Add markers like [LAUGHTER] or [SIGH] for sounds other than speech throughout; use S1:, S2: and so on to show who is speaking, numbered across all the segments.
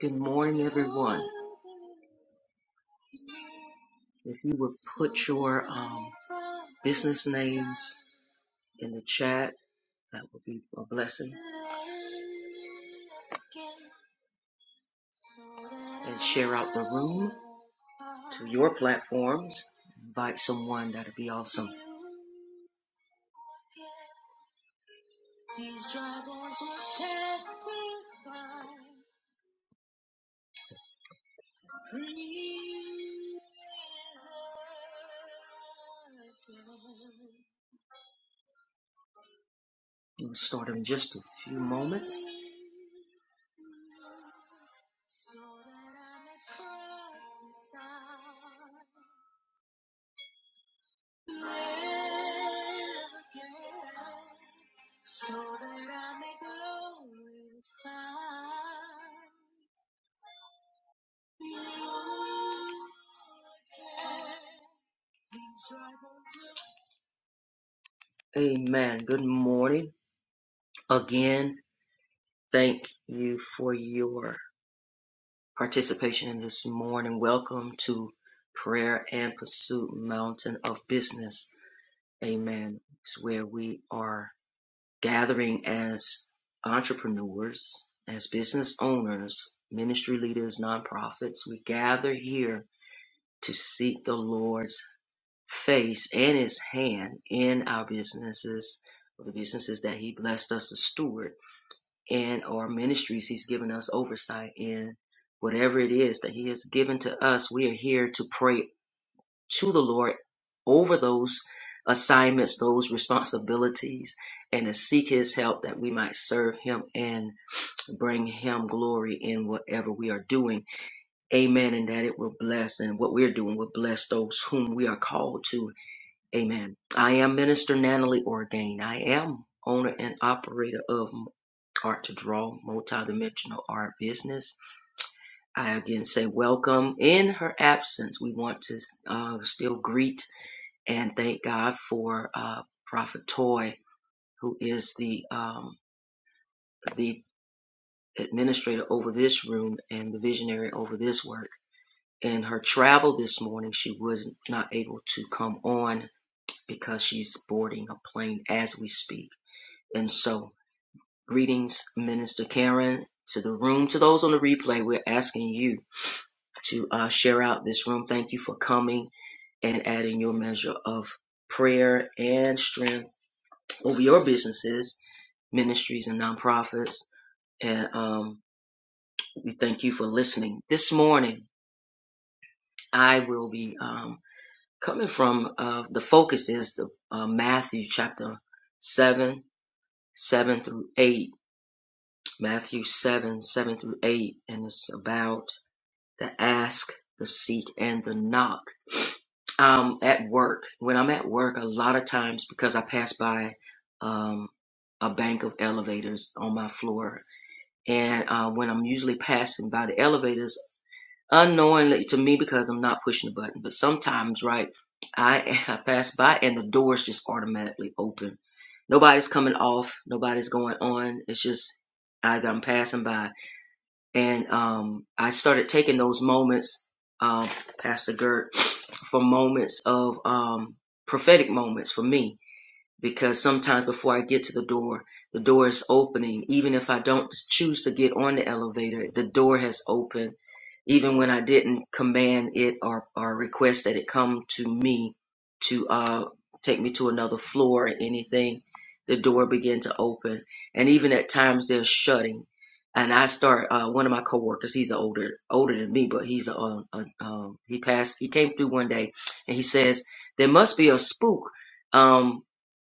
S1: Good morning, everyone. If you would put your um, business names in the chat, that would be a blessing. And share out the room to your platforms. Invite someone, that'd be awesome. We'll start in just a few moments. Amen. Good morning. Again, thank you for your participation in this morning. Welcome to Prayer and Pursuit Mountain of Business. Amen. It's where we are gathering as entrepreneurs, as business owners, ministry leaders, nonprofits. We gather here to seek the Lord's face and his hand in our businesses, or the businesses that he blessed us to steward and our ministries. He's given us oversight in whatever it is that He has given to us. We are here to pray to the Lord over those assignments, those responsibilities, and to seek His help that we might serve Him and bring Him glory in whatever we are doing. Amen. And that it will bless, and what we're doing will bless those whom we are called to Amen. I am Minister Natalie Orgain. I am owner and operator of Art to Draw, multidimensional art business. I again say welcome. In her absence, we want to uh, still greet and thank God for uh, Prophet Toy, who is the um, the administrator over this room and the visionary over this work. In her travel this morning, she was not able to come on because she's boarding a plane as we speak. And so, greetings, Minister Karen, to the room. To those on the replay, we're asking you to uh, share out this room. Thank you for coming and adding your measure of prayer and strength over your businesses, ministries, and nonprofits. And um, we thank you for listening. This morning, I will be um, coming from uh, the focus is the uh, Matthew chapter seven, seven through eight Matthew 7 7 through 8, and it's about the ask, the seek, and the knock. Um, at work, when I'm at work, a lot of times because I pass by um, a bank of elevators on my floor, and uh, when I'm usually passing by the elevators, unknowingly to me because I'm not pushing the button, but sometimes, right, I, [LAUGHS] I pass by and the doors just automatically open. Nobody's coming off, nobody's going on. It's just either I'm passing by and um, I started taking those moments, um, Pastor Gert, for moments of um, prophetic moments for me because sometimes before I get to the door, the door is opening. Even if I don't choose to get on the elevator, the door has opened. Even when I didn't command it or, or request that it come to me to uh, take me to another floor or anything, the door began to open. And even at times they're shutting. And I start uh, one of my coworkers. He's older older than me, but he's a, a, a um, he passed. He came through one day, and he says there must be a spook. Um,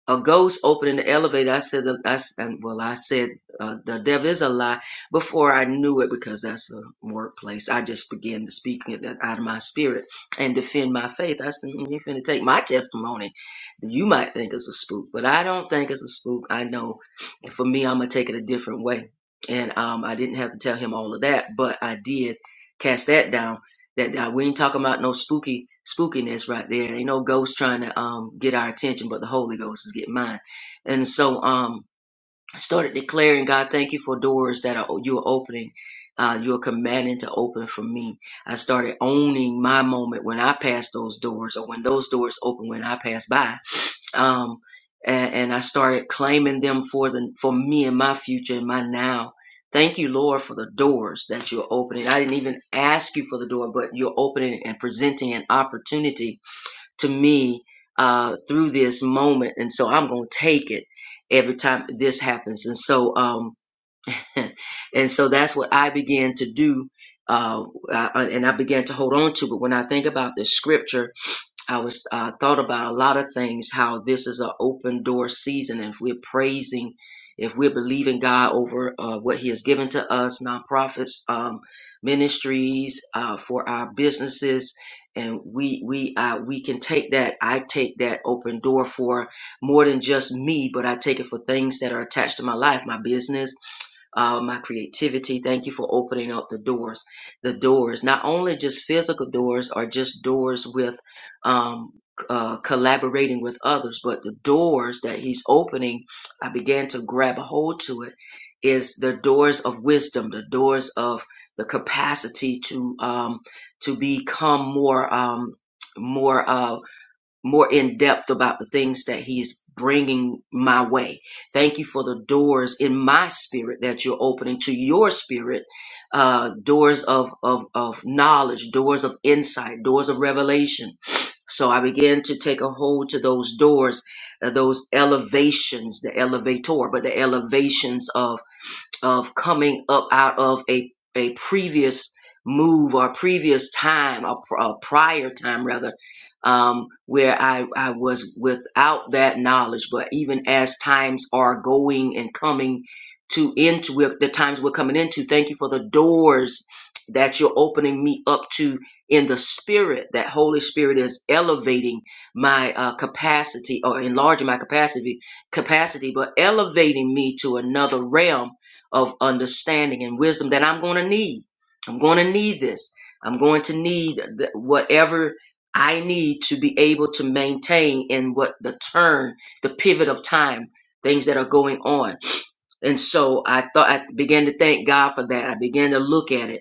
S1: a ghost opening the elevator. I said, the, I, s- and, well, I said, uh, the devil is a lie before I knew it because that's a workplace. I just began to speak it uh, out of my spirit and defend my faith. I said, "Mm, you finna take my testimony. You might think it's a spook, but I don't think it's a spook. I know for me, I'm going to take it a different way. And um, I didn't have to tell him all of that, but I did cast that down that uh, we ain't talking about no spooky spookiness right there. Ain't no ghost trying to um get our attention, but the Holy Ghost is getting mine. And so um started declaring, God, thank you for doors that are, you are opening. Uh, you are commanding to open for me. I started owning my moment when I pass those doors or when those doors open when I pass by. Um, and, and I started claiming them for the for me and my future and my now. Thank you, Lord, for the doors that you're opening. I didn't even ask you for the door, but you're opening and presenting an opportunity to me uh, through this moment, and so I'm going to take it every time this happens. And so, um, [LAUGHS] and so that's what I began to do, uh, uh, and I began to hold on to. But when I think about the scripture I was uh, thought about a lot of things. How this is an open door season. If we're praising, if we're believing God over uh, what He has given to us, nonprofits, um, ministries, uh, for our businesses, and we we uh, we can take that. I take that open door for more than just me, but I take it for things that are attached to my life, my business, uh, my creativity. Thank you for opening up the doors. The doors, not only just physical doors, or just doors with um, uh, collaborating with others, but the doors that he's opening, I began to grab a hold to it, is the doors of wisdom, the doors of the capacity to um, to become more um, more uh, more in depth about the things that he's bringing my way. Thank you for the doors in my spirit that you're opening to your spirit, uh, doors of, of of knowledge, doors of insight, doors of revelation so I began to take a hold to those doors, uh, those elevations, the elevator, but the elevations of coming up out of a, a previous move or previous time or, pr- or prior time rather um, where I, I was without that knowledge but even as times are going and coming to into we're- the times we're coming into thank you for the doors that you're opening me up to in the spirit that holy spirit is elevating my uh, capacity or enlarging my capacity capacity but elevating me to another realm of understanding and wisdom that I'm going to need. I'm going to need this. I'm going to need th- whatever I need to be able to maintain in what the turn, the pivot of time, things that are going on. And so I thought I began to thank God for that. I began to look at it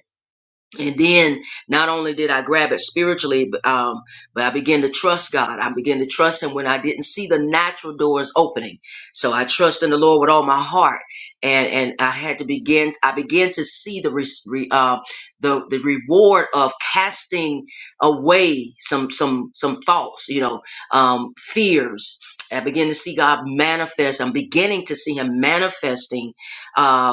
S1: and then not only did I grab it spiritually, but, um, but I began to trust God. I began to trust Him when I didn't see the natural doors opening. So I trust in the Lord with all my heart, and and I had to begin. I began to see the re, re- uh, the the reward of casting away some some some thoughts, you know, um, fears. I began to see God manifest. I'm beginning to see Him manifesting uh,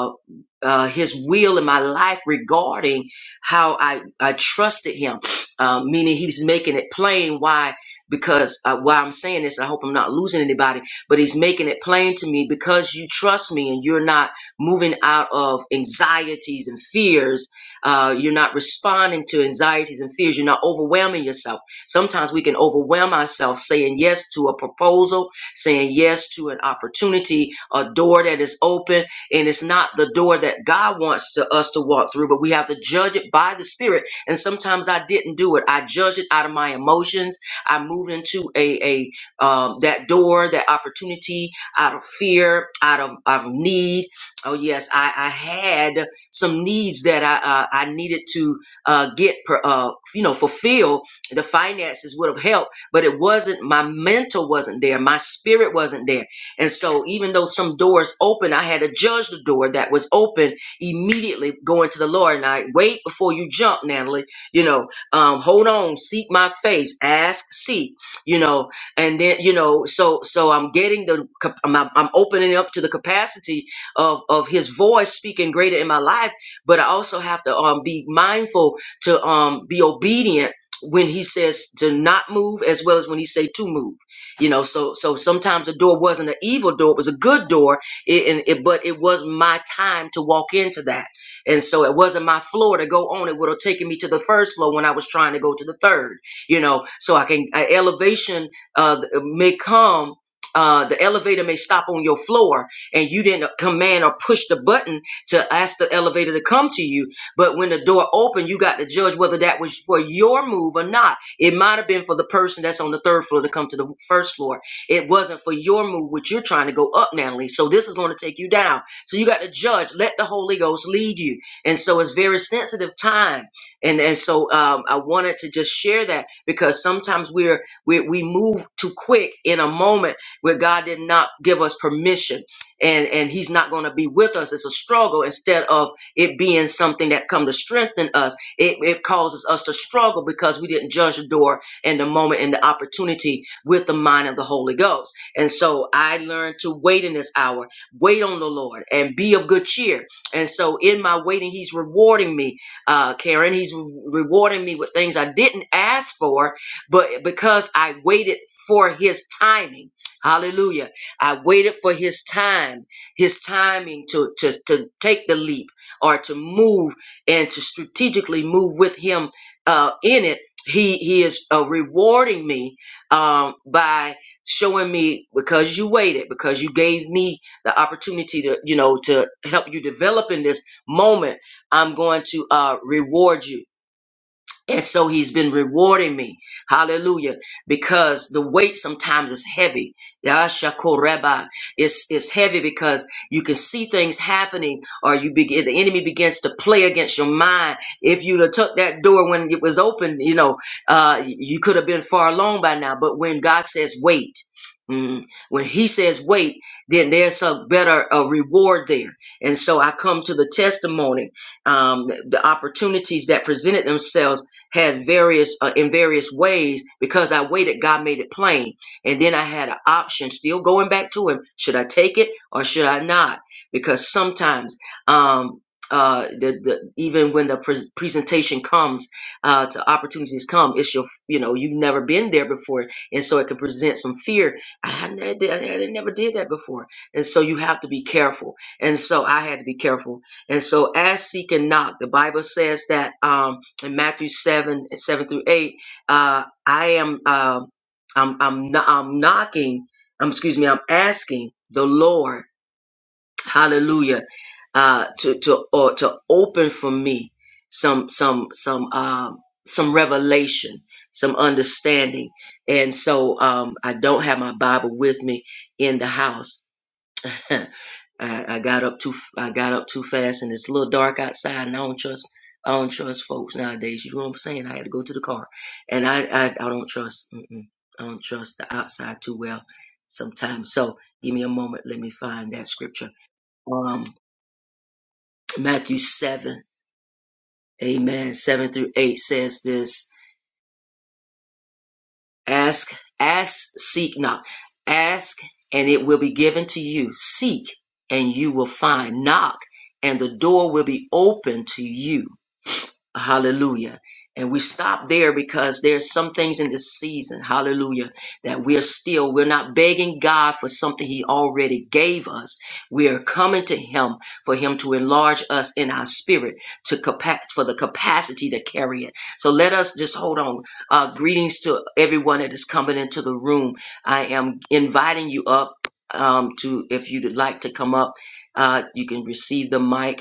S1: uh, his will in my life regarding how I, I trusted him. Uh, meaning he's making it plain why, because uh, why I'm saying this, I hope I'm not losing anybody, but he's making it plain to me because you trust me and you're not moving out of anxieties and fears. Uh, you're not responding to anxieties and fears. You're not overwhelming yourself. Sometimes we can overwhelm ourselves saying yes to a proposal, saying yes to an opportunity, a door that is open, and it's not the door that God wants to us to walk through, but we have to judge it by the Spirit. And sometimes I didn't do it. I judged it out of my emotions. I moved into a a um, that door, that opportunity, out of fear, out of of need. Oh yes, I I had some needs that I uh, I needed to uh, get per, uh, you know fulfill. The finances would have helped, but it wasn't. My mental wasn't there. My spirit wasn't there and so, even though some doors open, I had to judge the door that was open immediately going to the Lord. And I wait before you jump, Natalie. You know, um, hold on, seek my face, ask, seek. You know, and then you know, so so I'm getting the cap- I'm, I'm opening up to the capacity of of His voice speaking greater in my life. But I also have to um, be mindful to um, be obedient when He says to not move, as well as when He say to move you know so so sometimes the door wasn't an evil door it was a good door it, and it but it was my time to walk into that and so it wasn't my floor to go on it would have taken me to the first floor when i was trying to go to the third you know so i can uh, elevation uh may come uh, the elevator may stop on your floor and you didn't command or push the button to ask the elevator to come to you. But when the door opened, you got to judge whether that was for your move or not it might have been for the person that's on the third floor to come to the first floor. It wasn't for your move, which you're trying to go up, Natalie. So this is going to take you down. So you got to judge. Let the Holy Ghost lead you. And so it's very sensitive time. And and so um, I wanted to just share that because sometimes we're we, we move too quick in a moment where God did not give us permission, and and He's not going to be with us. It's a struggle instead of it being something that come to strengthen us it, it causes us to struggle because we didn't judge the door and the moment and the opportunity with the mind of the Holy Ghost. And so I learned to wait in this hour, wait on the Lord and be of good cheer. And so in my waiting, he's rewarding me, uh, Karen, he's re- rewarding me with things I didn't ask for, but because I waited for his timing. Hallelujah. I waited for his time, his timing to, to, to take the leap or to move and to strategically move with him uh, in it he he is uh, rewarding me um, by showing me because you waited because you gave me the opportunity to you know to help you develop in this moment i'm going to uh, reward you and so he's been rewarding me. Hallelujah. Because the weight sometimes is heavy. Yashakoreba. It's, it's heavy because you can see things happening or you begin, the enemy begins to play against your mind. If you'd have took that door when it was open, you know, uh, you could have been far along by now. But when God says wait, mm, when he says wait, then there's a better uh, reward there. And so I come to the testimony, um, the opportunities that presented themselves had various uh, in various ways because I waited God made it plain and then I had an option still going back to him should I take it or should I not because sometimes um uh, the, the even when the pres presentation comes, uh, to opportunities come, it's your, you know, you've never been there before, and so it can present some fear. I, I, never did, I, I never did that before, and so you have to be careful. And so I had to be careful. And so, as seek and knock, the Bible says that. Um, in Matthew 7 and 7 through 8, uh, I am, uh, I'm, I'm, kno- I'm knocking, um, excuse me, I'm asking the Lord, hallelujah, uh, to, to, or to open for me some, some, some, um, some revelation, some understanding. And so, um, I don't have my Bible with me in the house. [LAUGHS] I, I got up too I got up too fast and it's a little dark outside and I don't trust I don't trust folks nowadays. You know what I'm saying? I had to go to the car, and I I, I don't trust mm-mm, I don't trust the outside too well sometimes. So give me a moment. Let me find that scripture. Um, Matthew seven, Amen. Seven through eight says this. Ask, ask, seek, knock. Ask, and it will be given to you. Seek, and you will find. Knock, and the door will be open to you. Hallelujah. And we stop there because there's some things in this season, hallelujah, that we're still, we're not begging God for something He already gave us. We are coming to Him for Him to enlarge us in our spirit to capa- for the capacity to carry it. So let us just hold on. Uh, greetings to everyone that is coming into the room. I am inviting you up um, to, if you'd like to come up, uh, you can receive the mic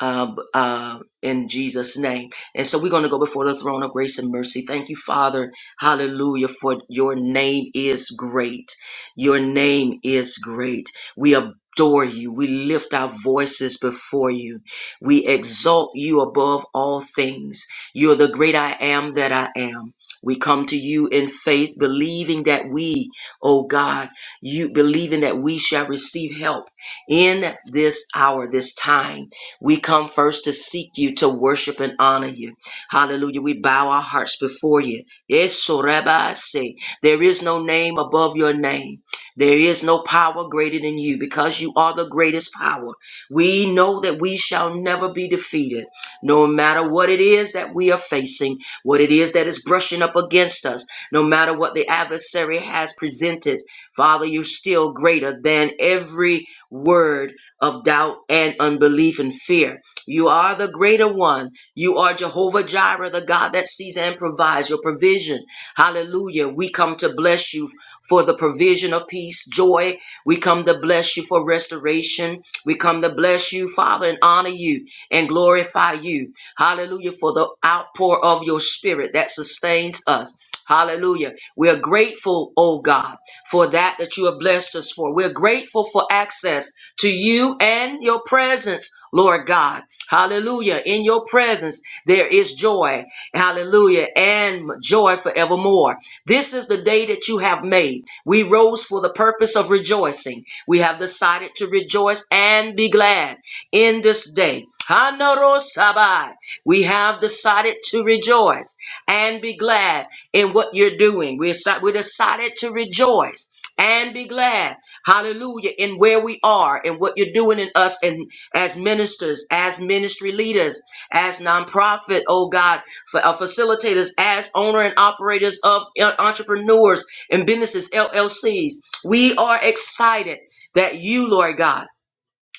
S1: uh, uh, in Jesus' name. And so we're going to go before the throne of grace and mercy. Thank you, Father. Hallelujah. For your name is great. Your name is great. We adore you. We lift our voices before you. We exalt you above all things. You're the great I am that I am. We come to you in faith, believing that we, oh God, you believing that we shall receive help in this hour, this time we come first to seek you, to worship and honor you. Hallelujah. We bow our hearts before you. Yes, so Rabbi, I say, there is no name above your name. There is no power greater than you because you are the greatest power. We know that we shall never be defeated, no matter what it is that we are facing, what it is that is brushing up against us, no matter what the adversary has presented. Father, you're still greater than every word of doubt and unbelief and fear. You are the greater one. You are Jehovah Jireh, the God that sees and provides your provision. Hallelujah. We come to bless you for the provision of peace, joy. We come to bless you for restoration. We come to bless you, Father, and honor you and glorify you. Hallelujah. For the outpour of your spirit that sustains us. Hallelujah. We are grateful, oh God, for that that you have blessed us for. We're grateful for access to you and your presence, Lord God. Hallelujah. In your presence, there is joy. Hallelujah. And joy forevermore. This is the day that you have made. We rose for the purpose of rejoicing. We have decided to rejoice and be glad in this day. Hanorosabai. We have decided to rejoice and be glad in what you're doing. We're, we decided to rejoice and be glad Hallelujah. In where we are and what you're doing in us and as ministers, as ministry leaders, as nonprofit, oh God, for, uh, facilitators, as owner and operators of uh, entrepreneurs and businesses, LLCs. We are excited that you, Lord God,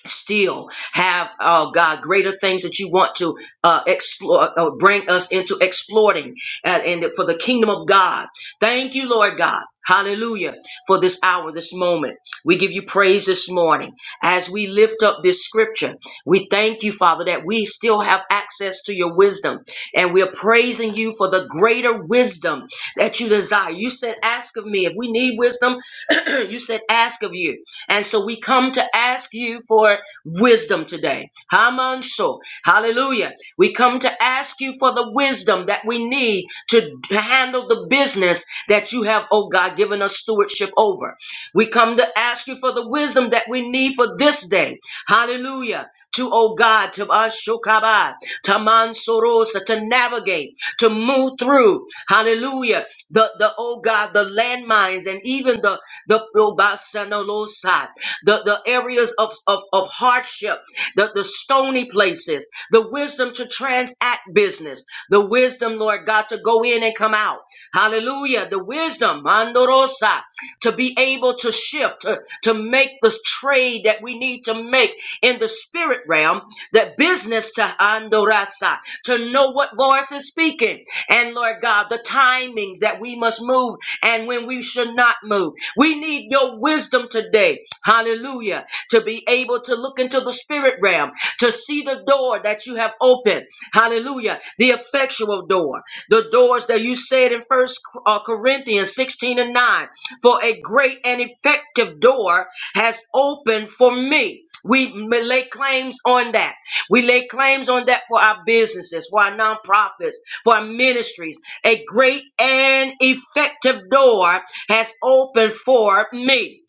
S1: still have oh God greater things that you want to uh, explore uh, bring us into exploiting uh, and for the kingdom of God. Thank you, Lord God. Hallelujah for this hour, this moment. We give you praise this morning as we lift up this scripture. We thank you, Father, that we still have access to your wisdom and we're praising you for the greater wisdom that you desire. You said, ask of me if we need wisdom. [CLEARS THROAT] you said, ask of you. And so we come to ask you for wisdom today. Hamanso. Hallelujah. We come to ask you for the wisdom that we need to handle the business that you have, oh God, given us stewardship over. We come to ask you for the wisdom that we need for this day. Hallelujah. To, oh God, to Ashokaba, to Mansorosa, to navigate, to move through, hallelujah, the, the, oh God, the landmines and even the the Yobasanolosa, the, the areas of, of, of hardship, the, the stony places, the wisdom to transact business, the wisdom, Lord God, to go in and come out. Hallelujah. The wisdom, Mandorosa, to be able to shift, to, to make the trade that we need to make in the spirit realm, that business to Andorasa, to know what voice is speaking. And Lord God, the timings that we must move and when we should not move we need your wisdom today. Hallelujah. To be able to look into the spirit realm, to see the door that you have opened. Hallelujah. The effectual door. The doors that you said in First uh, Corinthians 16 and 9. For a great and effective door has opened for me. We may lay claims on that. We lay claims on that for our businesses, for our nonprofits, for our ministries. A great and effective door has opened for me.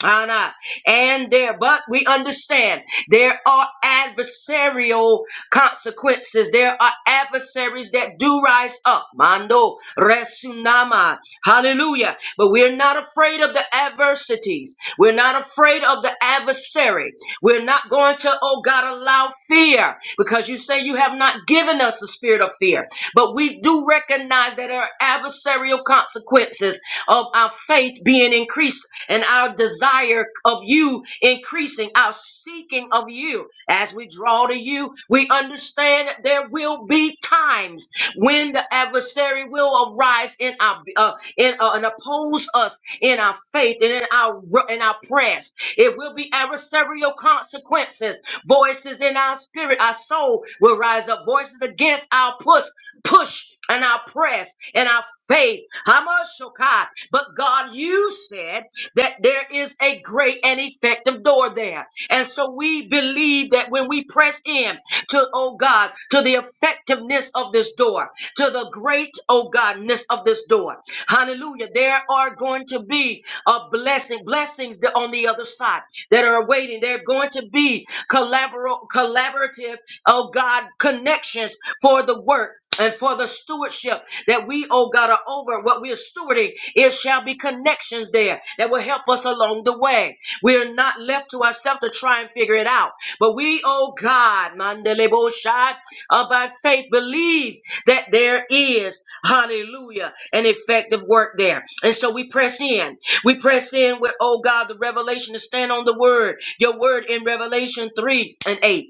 S1: And there, but we understand there are adversarial consequences. There are adversaries that do rise up. Mando, Resunama. Hallelujah. But we're not afraid of the adversities. We're not afraid of the adversary. We're not going to, oh God, allow fear because you say you have not given us a spirit of fear. But we do recognize that there are adversarial consequences of our faith being increased and our desire of you increasing, our seeking of you. As we draw to you, we understand that there will be times when the adversary will arise in our uh, in, uh, and oppose us in our faith and in our in our prayers. It will be adversarial consequences. Voices in our spirit, our soul will rise up. Voices against our push, push and our press and our faith. Hamashokai. But God, you said that there is a great and effective door there. And so we believe that when we press in to, oh God, to the effectiveness of this door, to the great, oh Godness of this door. Hallelujah. There are going to be a blessing, blessings that on the other side that are awaiting. They're going to be collabor- collaborative, oh God, connections for the work and for the stewardship that we, oh God, are over what we're stewarding, it shall be connections there that will help us along the way. We are not left to ourselves to try and figure it out. But we, oh God, Mandelebo Shad, uh, by faith believe that there is, hallelujah, an effective work there. And so we press in. We press in with, oh God, the revelation to stand on the word, your word in Revelation 3 and 8.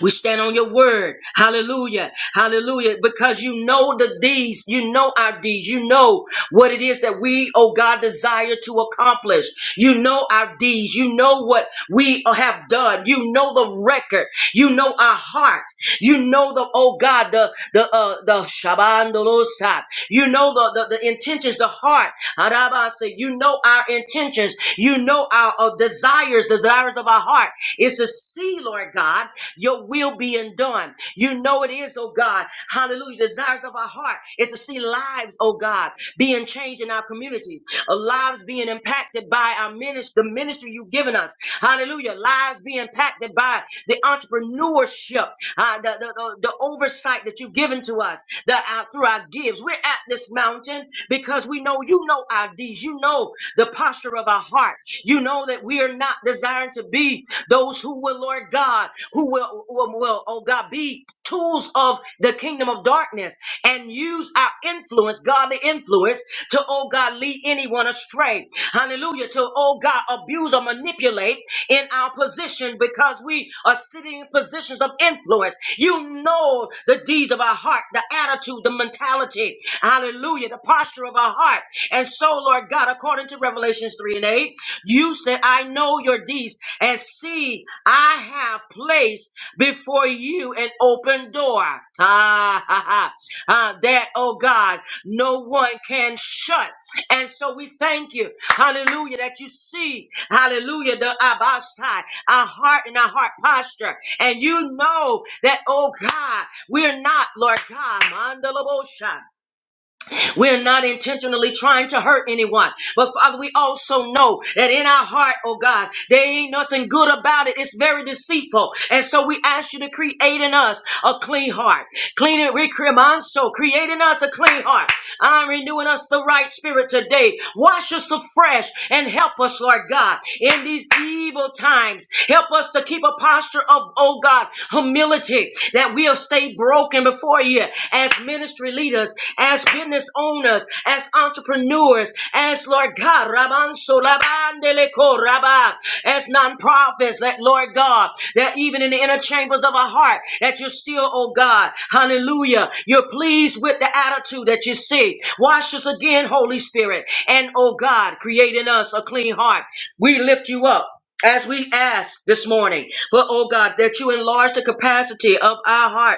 S1: We stand on your word. Hallelujah. Hallelujah. Because you know the deeds. You know our deeds. You know what it is that we, oh God, desire to accomplish. You know our deeds. You know what we have done. You know the record. You know our heart. You know the, oh God, the, the, uh, the Shabandolosa. You know the, the, the intentions, the heart. Arabasa. You know our intentions. You know our uh, desires, desires of our heart. It's to see, Lord God. Your will being done. You know it is, oh God. Hallelujah. Desires of our heart is to see lives, oh God, being changed in our communities, uh, lives being impacted by our ministry, the ministry you've given us. Hallelujah. Lives being impacted by the entrepreneurship, uh, the, the, the, the oversight that you've given to us the, our, through our gives. We're at this mountain because we know you know our deeds. You know the posture of our heart. You know that we are not desiring to be those who will, Lord God, who will, will, will, oh God, be tools of the kingdom of darkness and use our influence, godly influence, to, oh God, lead anyone astray. Hallelujah. To, oh God, abuse or manipulate in our position because we are sitting in positions of influence. You know the deeds of our heart, the attitude, the mentality. Hallelujah. The posture of our heart. And so, Lord God, according to Revelations 3 and 8, you said, I know your deeds, and see, I have placed before you an open door. Ah, ha, ha. Ah, that, oh God, no one can shut. And so we thank you, hallelujah, that you see, hallelujah, the Abbasai, our heart and our heart posture. And you know that, oh God, we're not, Lord God, mandalabosha. We're not intentionally trying to hurt anyone. But Father, we also know that in our heart, oh God, there ain't nothing good about it. It's very deceitful. And so we ask you to create in us a clean heart. Clean it, recreate so create in us a clean heart I'm renewing us the right spirit today. Wash us afresh and help us, Lord God, in these evil times. Help us to keep a posture of, oh God, humility that we'll stay broken before you as ministry leaders, as business owners, as entrepreneurs, as Lord God, Raman Sulabandeleko Rabba, as nonprofits, that Lord God, that even in the inner chambers of our heart, that you're still, oh God, hallelujah, you're pleased with the attitude that you see. Wash us again, Holy Spirit, and oh God, create in us a clean heart. We lift you up. As we ask this morning for, oh God, that you enlarge the capacity of our hearts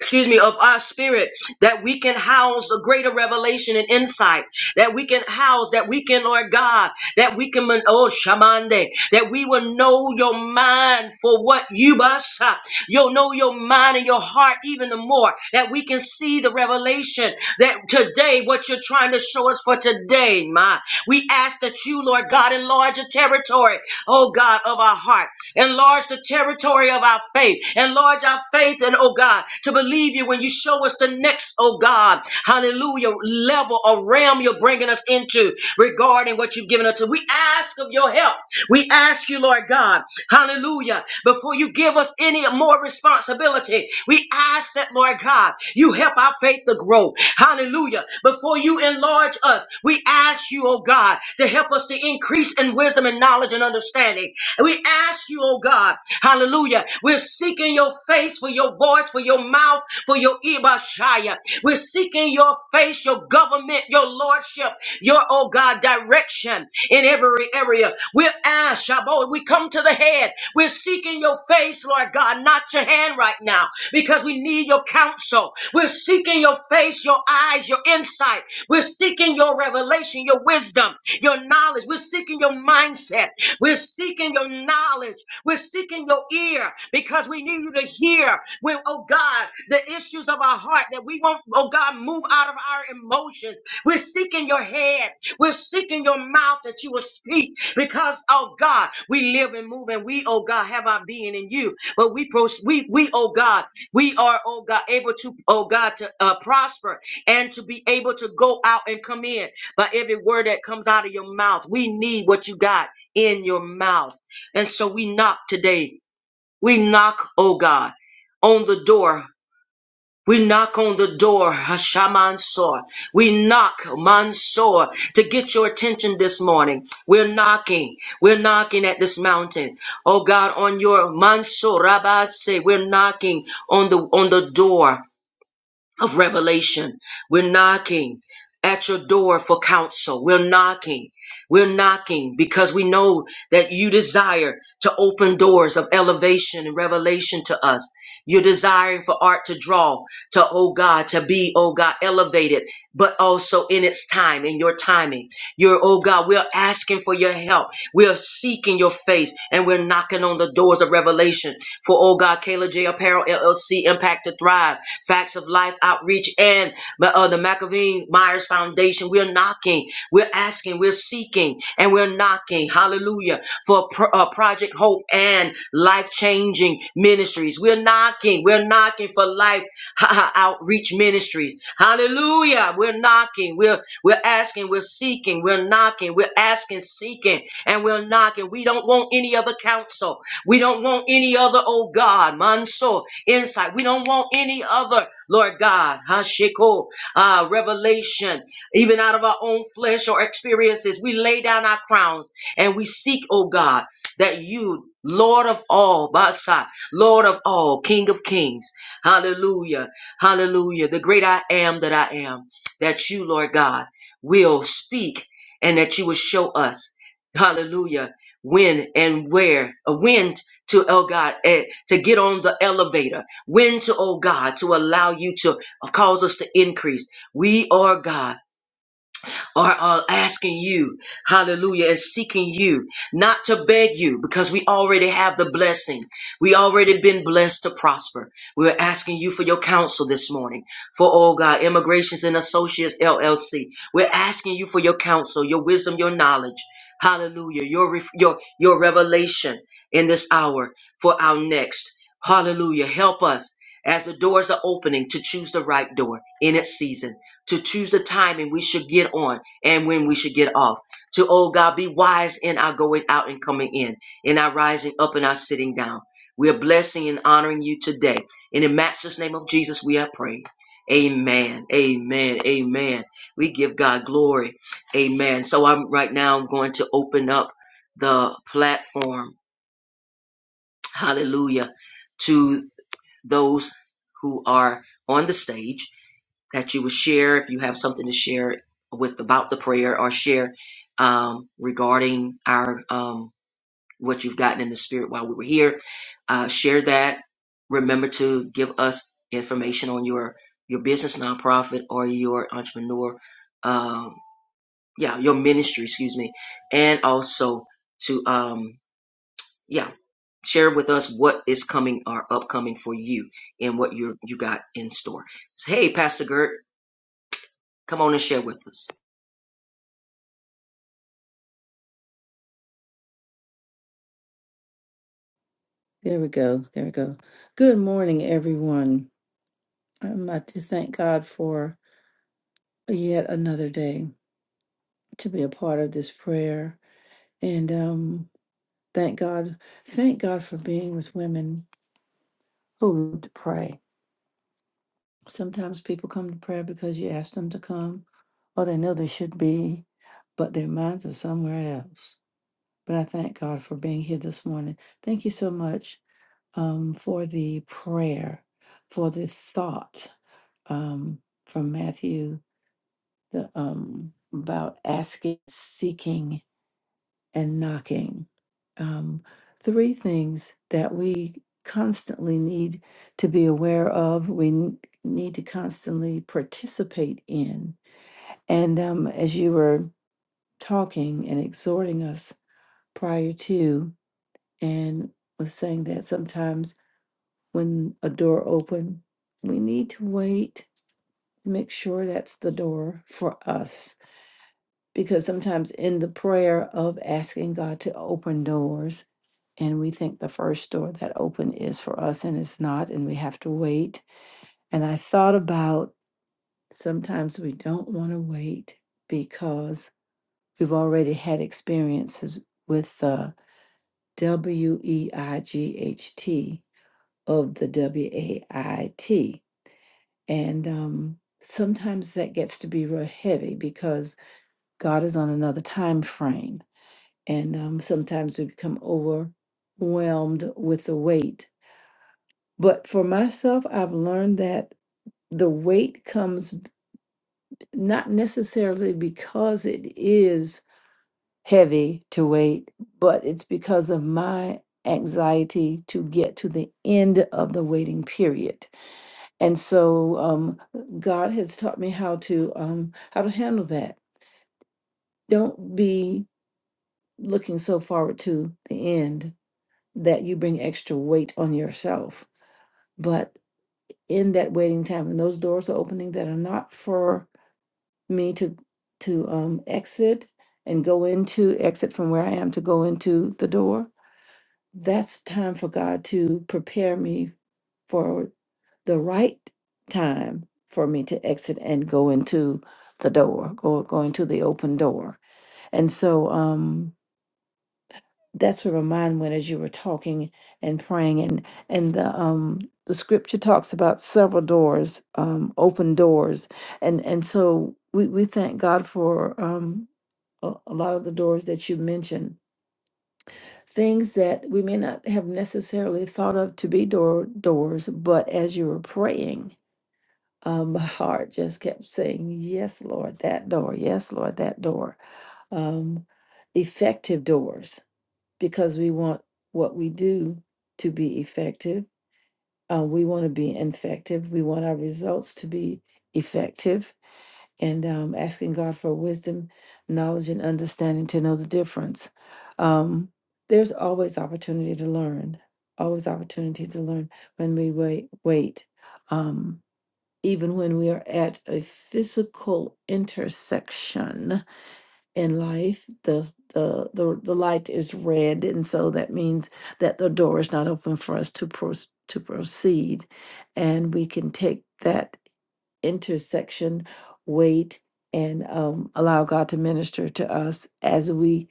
S1: excuse me, of our spirit, that we can house a greater revelation and insight, that we can house, that we can, Lord God, that we can, oh, Shamande, that we will know your mind for what you must, uh, you'll know your mind and your heart even the more, that we can see the revelation that today, what you're trying to show us for today, my, we ask that you, Lord God, enlarge the territory, oh God, of our heart Enlarge the territory of our faith. Enlarge our faith, and oh God, to believe you when you show us the next, oh God, hallelujah, level or realm you're bringing us into regarding what you've given us. We ask of your help. We ask you, Lord God, hallelujah, before you give us any more responsibility, we ask that, Lord God, you help our faith to grow. Hallelujah. Before you enlarge us, we ask you, oh God, to help us to increase in wisdom and knowledge and understanding. And We ask you, oh God, hallelujah. We're seeking your face for your voice, for your mouth, for your Ibashaya. We're seeking your face, your government, your lordship, your, oh God, direction in every area. We're asked, Shabbat, we come to the head. We're seeking your face, Lord God, not your hand right now, because we need your counsel. We're seeking your face, your eyes, your insight. We're seeking your revelation, your wisdom, your knowledge. We're seeking your mindset. We're seeking your knowledge. We're seeking your ear because we need you to hear when, oh God, the issues of our heart that we won't, oh God, move out of our emotions we're seeking your head. We're seeking your mouth that you will speak because, oh God, we live and move and we, oh God, have our being in you. But we, pros- we, we, oh God, we are, oh God, able to, oh God, to uh, prosper and to be able to go out and come in by every word that comes out of your mouth. We need what you got in your mouth. And so we knock today. We knock, oh God, on the door we knock on the door, Hashamansor. We knock, Mansoor, to get your attention this morning. We're knocking. We're knocking at this mountain. Oh God, on your Mansoor, Rabbi say, we're knocking on the on the door of revelation. We're knocking at your door for counsel. We're knocking. We're knocking because we know that you desire to open doors of elevation and revelation to us. You're desiring for art to draw, to, oh God, to be, oh God, elevated, but also in its time, in your timing. You're, oh God, we're asking for your help. We are seeking your face and we're knocking on the doors of revelation for, oh God, Kayla J. Apparel, LLC, Impact to Thrive. Facts of Life Outreach and uh, the McAveen Myers Foundation. We're knocking, we're asking, we're seeking, and we're knocking. Hallelujah. For pro- uh, Project Hope and life changing ministries. We're knocking, we're knocking for life [LAUGHS] outreach ministries. Hallelujah. We're knocking, we're, we're asking, we're seeking, we're knocking, we're asking, seeking, and we're knocking. We don't want any other counsel. We don't want any other, oh God, manso, insight. We don't want any other, Lord God, hashiko, uh, revelation, even out of our own flesh or experiences. We lay down our crowns and we seek, oh God, that you, Lord of all, Basa, Lord of all, King of kings, hallelujah, hallelujah, the great I am that I am, that you, Lord God, will speak and that you will show us. Hallelujah when and where, uh, when to, oh God, eh, to get on the elevator, when to, oh God, to allow you to uh, cause us to increase. We are God are, are asking you, hallelujah, and seeking you, not to beg you, because we already have the blessing. We already been blessed to prosper. We're asking you for your counsel this morning for, oh God, Immigrations and Associates LLC. We're asking you for your counsel, your wisdom, your knowledge. Hallelujah. Your, ref- your, your revelation in this hour for our next. Hallelujah. Help us as the doors are opening to choose the right door in its season to choose the timing we should get on and when we should get off. To, oh God, be wise in our going out and coming in, in our rising up and our sitting down. We are blessing and honoring you today. In the matchless name of Jesus, we are praying. Amen. Amen. Amen. We give God glory. Amen. So I'm right now I'm going to open up the platform. Hallelujah. To those who are on the stage that you would share if you have something to share with about the prayer or share um, regarding our um, what you've gotten in the spirit while we were here. Uh, share that. Remember to give us information on your your business nonprofit or your entrepreneur, um, yeah, your ministry, excuse me, and also to um, yeah, share with us what is coming or upcoming for you and what you you got in store. So, hey, Pastor Gert, come on and share with us.
S2: There we go. There we go. Good morning, everyone. Um, I to thank God for yet another day to be a part of this prayer, and um, thank God, thank God for being with women who love to pray. Sometimes people come to prayer because you ask them to come, or they know they should be, but their minds are somewhere else. But I thank God for being here this morning. Thank you so much um, for the prayer, for the thought um, from Matthew the, um, about asking, seeking, and knocking. Um, three things that we constantly need to be aware of, we n- need to constantly participate in. And um, as you were talking and exhorting us prior to, and was saying that sometimes when a door open. We need to wait, make sure that's the door for us. Because sometimes in the prayer of asking God to open doors, and we think the first door that open is for us and it's not, and we have to wait. And I thought about sometimes we don't want to wait because we've already had experiences with the W E I G H T of the W A I T And um, sometimes that gets to be real heavy because God is on another time frame. And um, sometimes we become overwhelmed with the weight. But for myself, I've learned that the weight comes b- not necessarily because it is heavy to weight, but it's because of my anxiety to get to the end of the waiting period and so um, God has taught me how to um, how to handle that. Don't be looking so forward to the end that you bring extra weight on yourself. But in that waiting time, when those doors are opening that are not for me to to um, exit and go into exit from where I am to go into the door, that's time for God to prepare me for the right time for me to exit and go into the door, go go into the open door. And so um that's where my mind went as you were talking and praying and and the um the scripture talks about several doors, um, open doors. And and so we, we thank God for um a, a lot of the doors that you mentioned things that we may not have necessarily thought of to be door doors, but as you were praying, um, [LAUGHS] my heart just kept saying, "Yes, Lord, that door. Yes, Lord, that door." Um, effective doors, because we want what we do to be effective. Uh, we want to be effective. We want our results to be effective and um, asking God for wisdom, knowledge, and understanding to know the difference. Um, there's always opportunity to learn, always opportunity to learn when we wait. Wait, um, even when we are at a physical intersection in life, the, the the the light is red, and so that means that the door is not open for us to pros- to proceed, and we can take that intersection, wait, and um, allow God to minister to us as we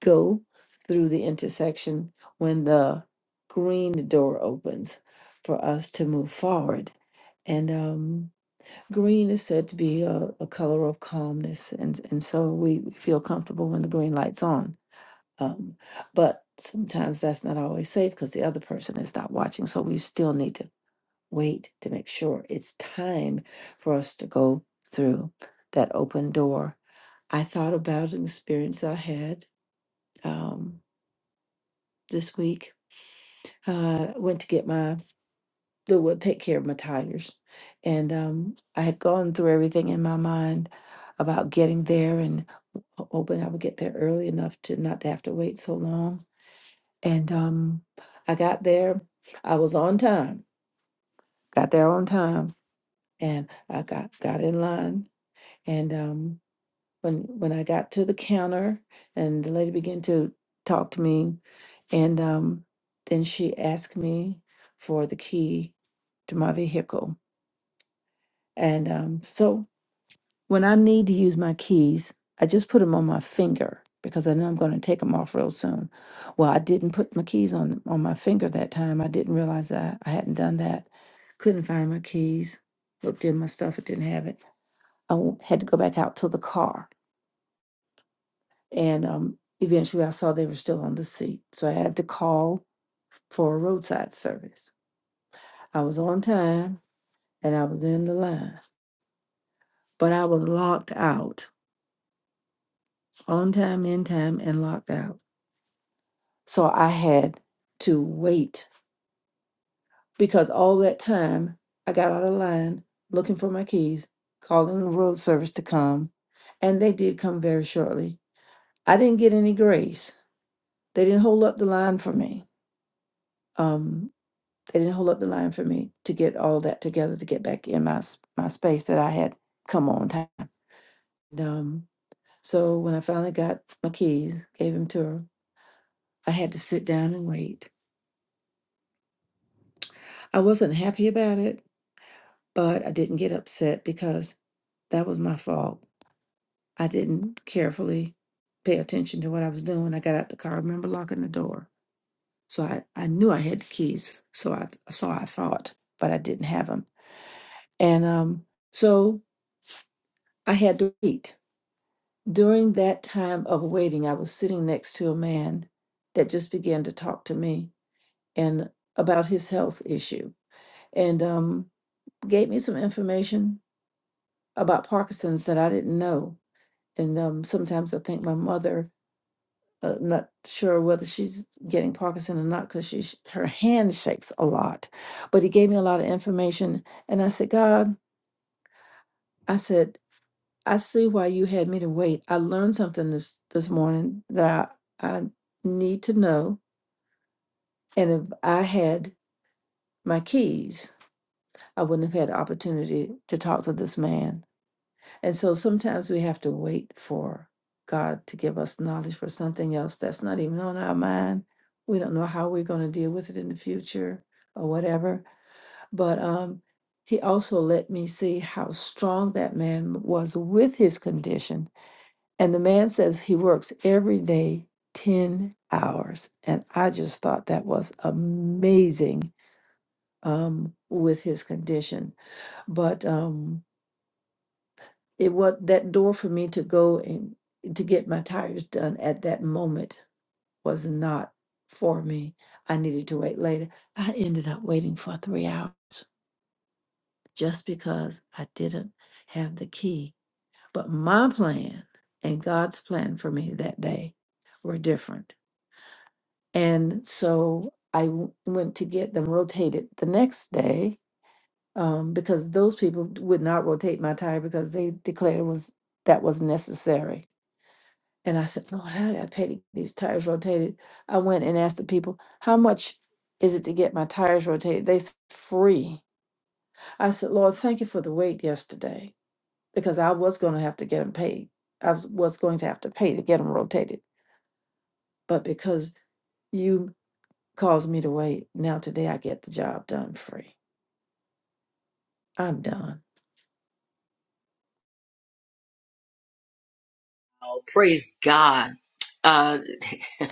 S2: go through the intersection when the green door opens for us to move forward. And um, green is said to be a, a color of calmness, and, and so we we feel comfortable when the green light's on. Um, but sometimes that's not always safe because the other person is not watching, so we still need to wait to make sure it's time for us to go through that open door. I thought about an experience I had um, this week. Uh, went to get my that would take care of my tires, and um, I had gone through everything in my mind about getting there and ho- hoping I would get there early enough to not to have to wait so long. And um, I got there. I was on time. Got there on time, and I got got in line And um, when when I got to the counter, and the lady began to talk to me, and um, then she asked me for the key to my vehicle. And um, so when I need to use my keys, I just put them on my finger because I know I'm going to take them off real soon. Well, I didn't put my keys on on my finger that time. I didn't realize I, I hadn't done that. Couldn't find my keys. Looked in my stuff, it didn't have it. I w- had to go back out to the car And um, eventually I saw they were still on the seat. So I had to call for a roadside service. I was on time and I was in the line, but I was locked out on time, in time, and locked out. So I had to wait because all that time I got out of line looking for my keys, calling the road service to come, and they did come very shortly. I didn't get any grace. They didn't hold up the line for me. Um, They didn't hold up the line for me to get all that together to get back in my my space that I had come on time. And, um, so when I finally got my keys, gave them to her, I had to sit down and wait. I wasn't happy about it, but I didn't get upset because that was my fault. I didn't carefully pay attention to what I was doing. I got out the car. I remember locking the door. So I, I knew I had the keys. So I so I thought, but I didn't have them. And um, so I had to wait During that time of waiting, I was sitting next to a man that just began to talk to me and about his health issue and um, gave me some information about Parkinson's that I didn't know. And um, sometimes I think my mother, uh, not sure whether she's getting Parkinson or not because she her hand shakes a lot. But he gave me a lot of information, and I said, God, I said. I see why you had me to wait. I learned something this this morning that I, I need to know. And if I had my keys, I wouldn't have had the opportunity to talk to this man. And so sometimes we have to wait for God to give us knowledge for something else that's not even on our mind. We don't know how we're going to deal with it in the future or whatever. But um, he also let me see how strong that man was with his condition And the man says he works every day 10 hours. And I just thought that was amazing um, with his condition. But um, it was that door for me to go and to get my tires done at that moment was not for me. I needed to wait later. I ended up waiting for three hours just because I didn't have the key. But my plan and God's plan for me that day were different And so I w- went to get them rotated the next day um, because those people would not rotate my tire because they declared it was that was necessary. And I said, Lord, how did I pay to get these tires rotated? I went and asked the people, how much is it to get my tires rotated? They said, free. I said, Lord, thank you for the wait yesterday because I was going to have to get them paid. I was was going to have to pay to get them rotated. But because you caused me to wait. Now today I get the job done free. I'm done.
S1: Praise God. Uh, [LAUGHS]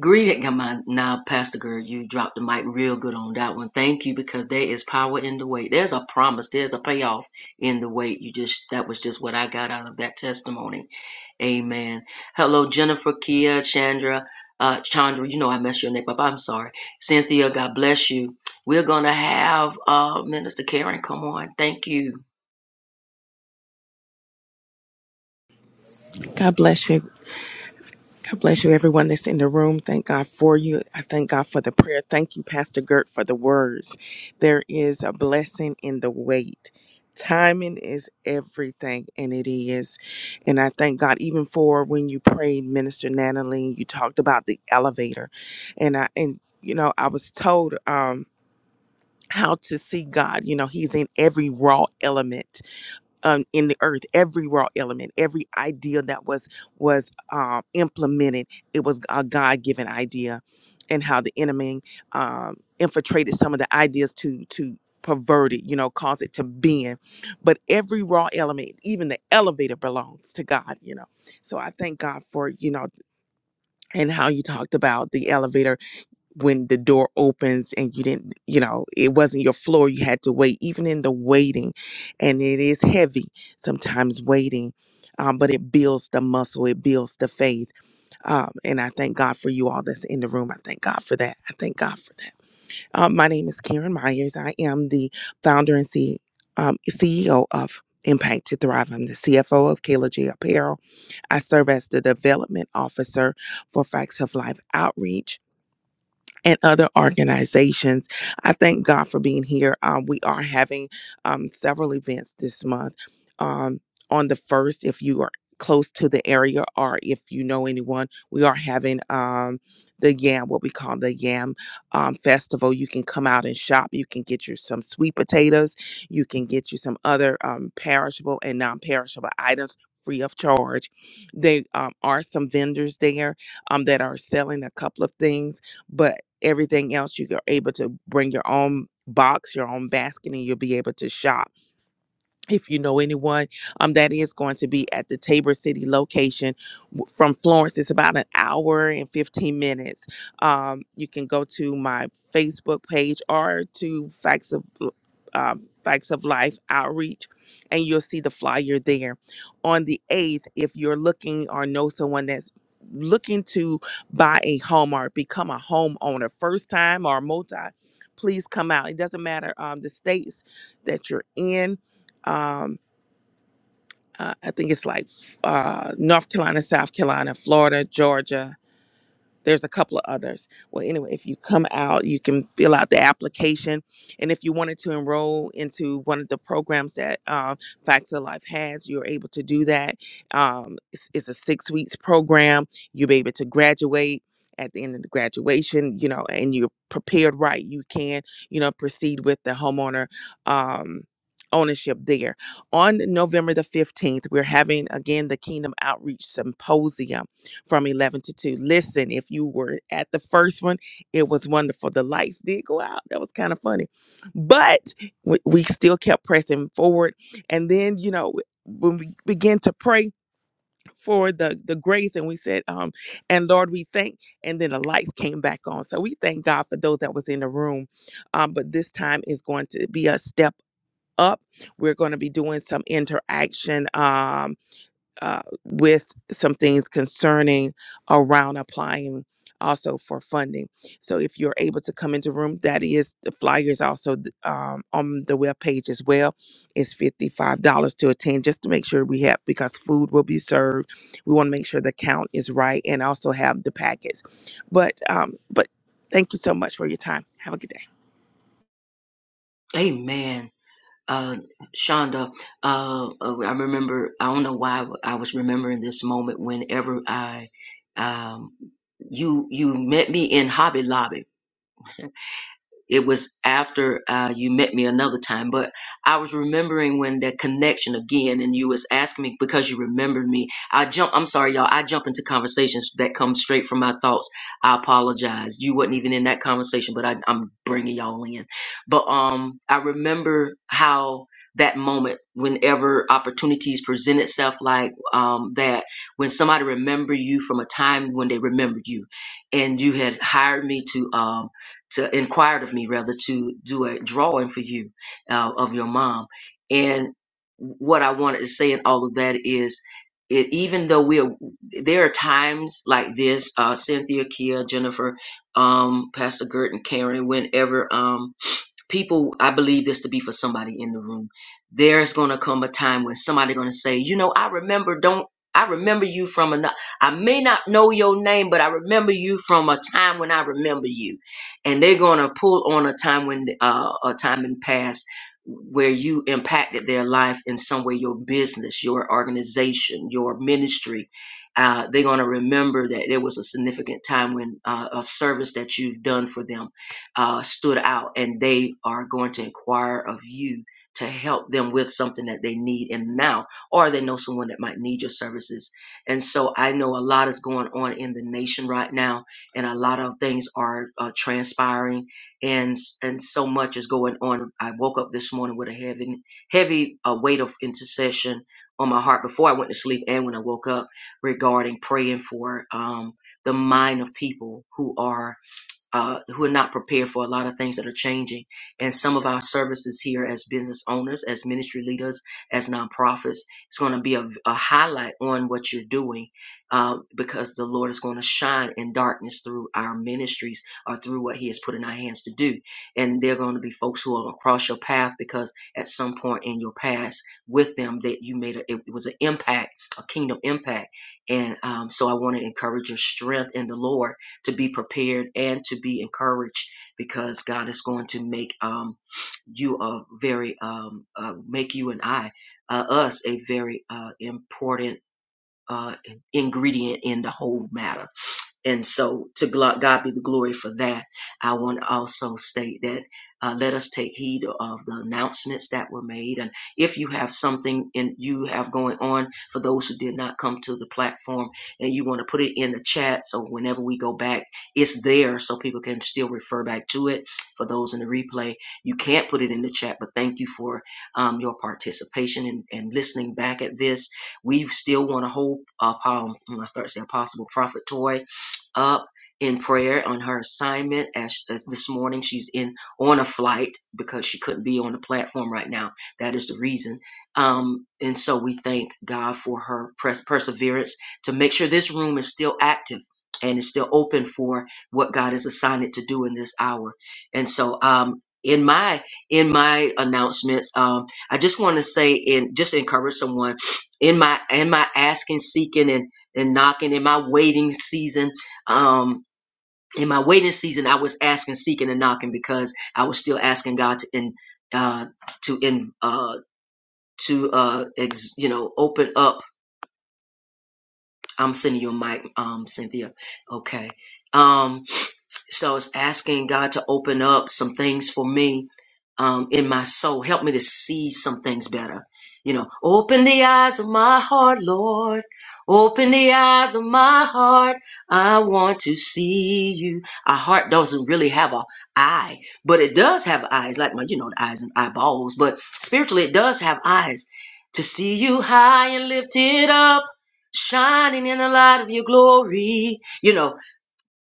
S1: greeting, come on now, Pastor Girl. You dropped the mic real good on that one. Thank you because there is power in the wait. There's a promise. There's a payoff in the wait. You just that was just what I got out of that testimony. Amen. Hello, Jennifer, Kia, Chandra, uh, Chandra. You know I messed your name up. I'm sorry, Cynthia. God bless you. We're gonna have uh, Minister Karen come on. Thank you.
S3: God bless you. God bless you, everyone that's in the room. Thank God for you. I thank God for the prayer. Thank you, Pastor Gert, for the words. There is a blessing in the wait. Timing is everything, and it is. And I thank God even for when you prayed, Minister Natalie, you talked about the elevator. And I and you know, I was told um how to see God. You know, He's in every raw element um, in the earth every raw element every idea that was was um, implemented it was a god-given idea and how the enemy um, infiltrated some of the ideas to to pervert it you know cause it to bend but every raw element even the elevator belongs to god you know so i thank god for you know and how you talked about the elevator when the door opens and you didn't you know it wasn't your floor you had to wait even in the waiting and it is heavy sometimes waiting um, but it builds the muscle it builds the faith um, and i thank god for you all that's in the room i thank god for that i thank god for that um, my name is karen myers i am the founder and C- um, ceo of impact to thrive i'm the cfo of kayla J apparel i serve as the development officer for facts of life outreach and other organizations. I thank God for being here. Um, we are having um, several events this month. Um, on the first, if you are close to the area or if you know anyone, we are having um, the Yam, what we call the Yam um, Festival. You can come out and shop. You can get you some sweet potatoes. You can get you some other um, perishable and non perishable items free of charge. There um, are some vendors there um, that are selling a couple of things but everything else you're able to bring your own box your own basket and you'll be able to shop if you know anyone um, that is going to be at the tabor city location W- from florence it's about an hour and 15 minutes um, you can go to my facebook page or to facts of um, facts of life outreach and you'll see the flyer there on the 8th if you're looking or know someone that's looking to buy a home or become a homeowner first time or multi please come out it doesn't matter um, the states that you're in um, uh, I think it's like uh, North Carolina, South Carolina, Florida, Georgia, there's a couple of others. Well, anyway, if you come out, you can fill out the application. And if you wanted to enroll into one of the programs that um, Facts of Life has, you're able to do that. Um, it's, it's a six weeks program. You'll be able to graduate at the end of the graduation, you know, and you're prepared right. You can, you know, proceed with the homeowner. Um, ownership there on november the 15th we're having again the kingdom outreach symposium from 11 to 2. Listen, if you were at the first one, it was wonderful. The lights did go out. That was kind of funny. But we, we still kept pressing forward. And then, you know, when we began to pray for the the grace and we said um and lord we thank and then the lights came back on so we thank god for those that was in the room um but this time is going to be a step up we're going to be doing some interaction um, uh, with some things concerning around applying also for funding. So if you're able to come into room, that is the flyers also th- um, on the web page as well. It's fifty-five dollars to attend, just to make sure we have because food will be served. We want to make sure the count is right and also have the packets. But um, but thank you so much for your time. Have a good day.
S1: Amen. uh, Shonda, uh, uh, I remember, I don't know why I was remembering this moment whenever I, um, you, you met me in Hobby Lobby it was after uh, you met me another time, but I was remembering when that connection again, and you was asking me because you remembered me. I jump. I'm sorry, y'all. I jump into conversations that come straight from my thoughts. I apologize. You wasn't even in that conversation, but I, I'm bringing y'all in. But um, I remember how that moment, whenever opportunities present itself like um that, when somebody remember you from a time when they remembered you, and you had hired me to um to inquired of me rather to do a drawing for you uh, of your mom and what i wanted to say in all of that is it, even though we are there are times like this uh, cynthia kia jennifer um, pastor gert and karen whenever um, people i believe this to be for somebody in the room there's going to come a time when somebody going to say you know i remember don't i remember you from another i may not know your name but i remember you from a time when i remember you and they're going to pull on a time when uh, a time in past where you impacted their life in some way your business your organization your ministry uh, they're going to remember that there was a significant time when uh, a service that you've done for them uh, stood out and they are going to inquire of you to help them with something that they need and now or they know someone that might need your services and so i know a lot is going on in the nation right now and a lot of things are uh, transpiring and and so much is going on i woke up this morning with a heavy heavy uh, weight of intercession on my heart before i went to sleep and when i woke up regarding praying for um, the mind of people who are uh, who are not prepared for a lot of things that are changing. And some of our services here as business owners, as ministry leaders, as nonprofits, it's going to be a, a highlight on what you're doing uh, because the Lord is going to shine in darkness through our ministries or through what He has put in our hands to do. And there are going to be folks who are across your path because at some point in your past with them that you made a, it was an impact, a kingdom impact. And um, so I want to encourage your strength in the Lord to be prepared and to be encouraged because God is going to make um, you a very um, uh, make you and I uh, us a very uh, important uh, ingredient in the whole matter. And so to glo- God be the glory for that. I want to also state that uh, let us take heed of the announcements that were made. And if you have something in you have going on for those who did not come to the platform and you want to put it in the chat. So whenever we go back, it's there so people can still refer back to it. For those in the replay, you can't put it in the chat, but thank you for um, your participation and, and listening back at this. We still want to hold up, um, I start saying possible prophet toy up in prayer on her assignment as, as this morning she's in on a flight because she couldn't be on the platform right now that is the reason um, and so we thank god for her pres- perseverance to make sure this room is still active and is still open for what god has assigned it to do in this hour and so um, in my in my announcements um, i just want to say and just encourage someone in my in my asking seeking and and knocking in my waiting season um in my waiting season i was asking seeking and knocking because i was still asking god to in uh to in uh to uh ex, you know open up i'm sending you a mic um cynthia okay um So it's asking God to open up some things for me um, in my soul. Help me to see some things better. You know, open the eyes of my heart, Lord. Open the eyes of my heart. I want to see you. Our heart doesn't really have a eye, but it does have eyes, like my, you know, the eyes and eyeballs. But spiritually, it does have eyes to see you high and lifted up, shining in the light of your glory. You know,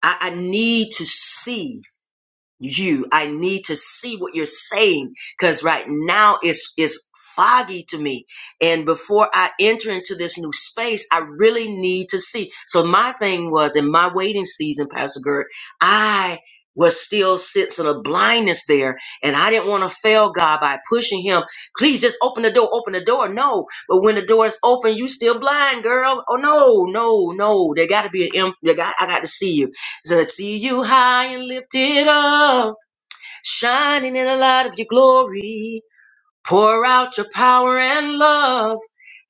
S1: I, I need to see you. I need to see what you're saying because right now it's it's foggy to me. And before I enter into this new space, I really need to see. So my thing was in my waiting season, Pastor Gert, I was still sensing a blindness there, and I didn't want to fail God by pushing Him. Please just open the door, open the door. No, but when the door is open, you still blind, girl. Oh no, no, no! There got to be an. imp- There got I got to see you. So I see you high and lifted up, shining in the light of your glory. Pour out your power and love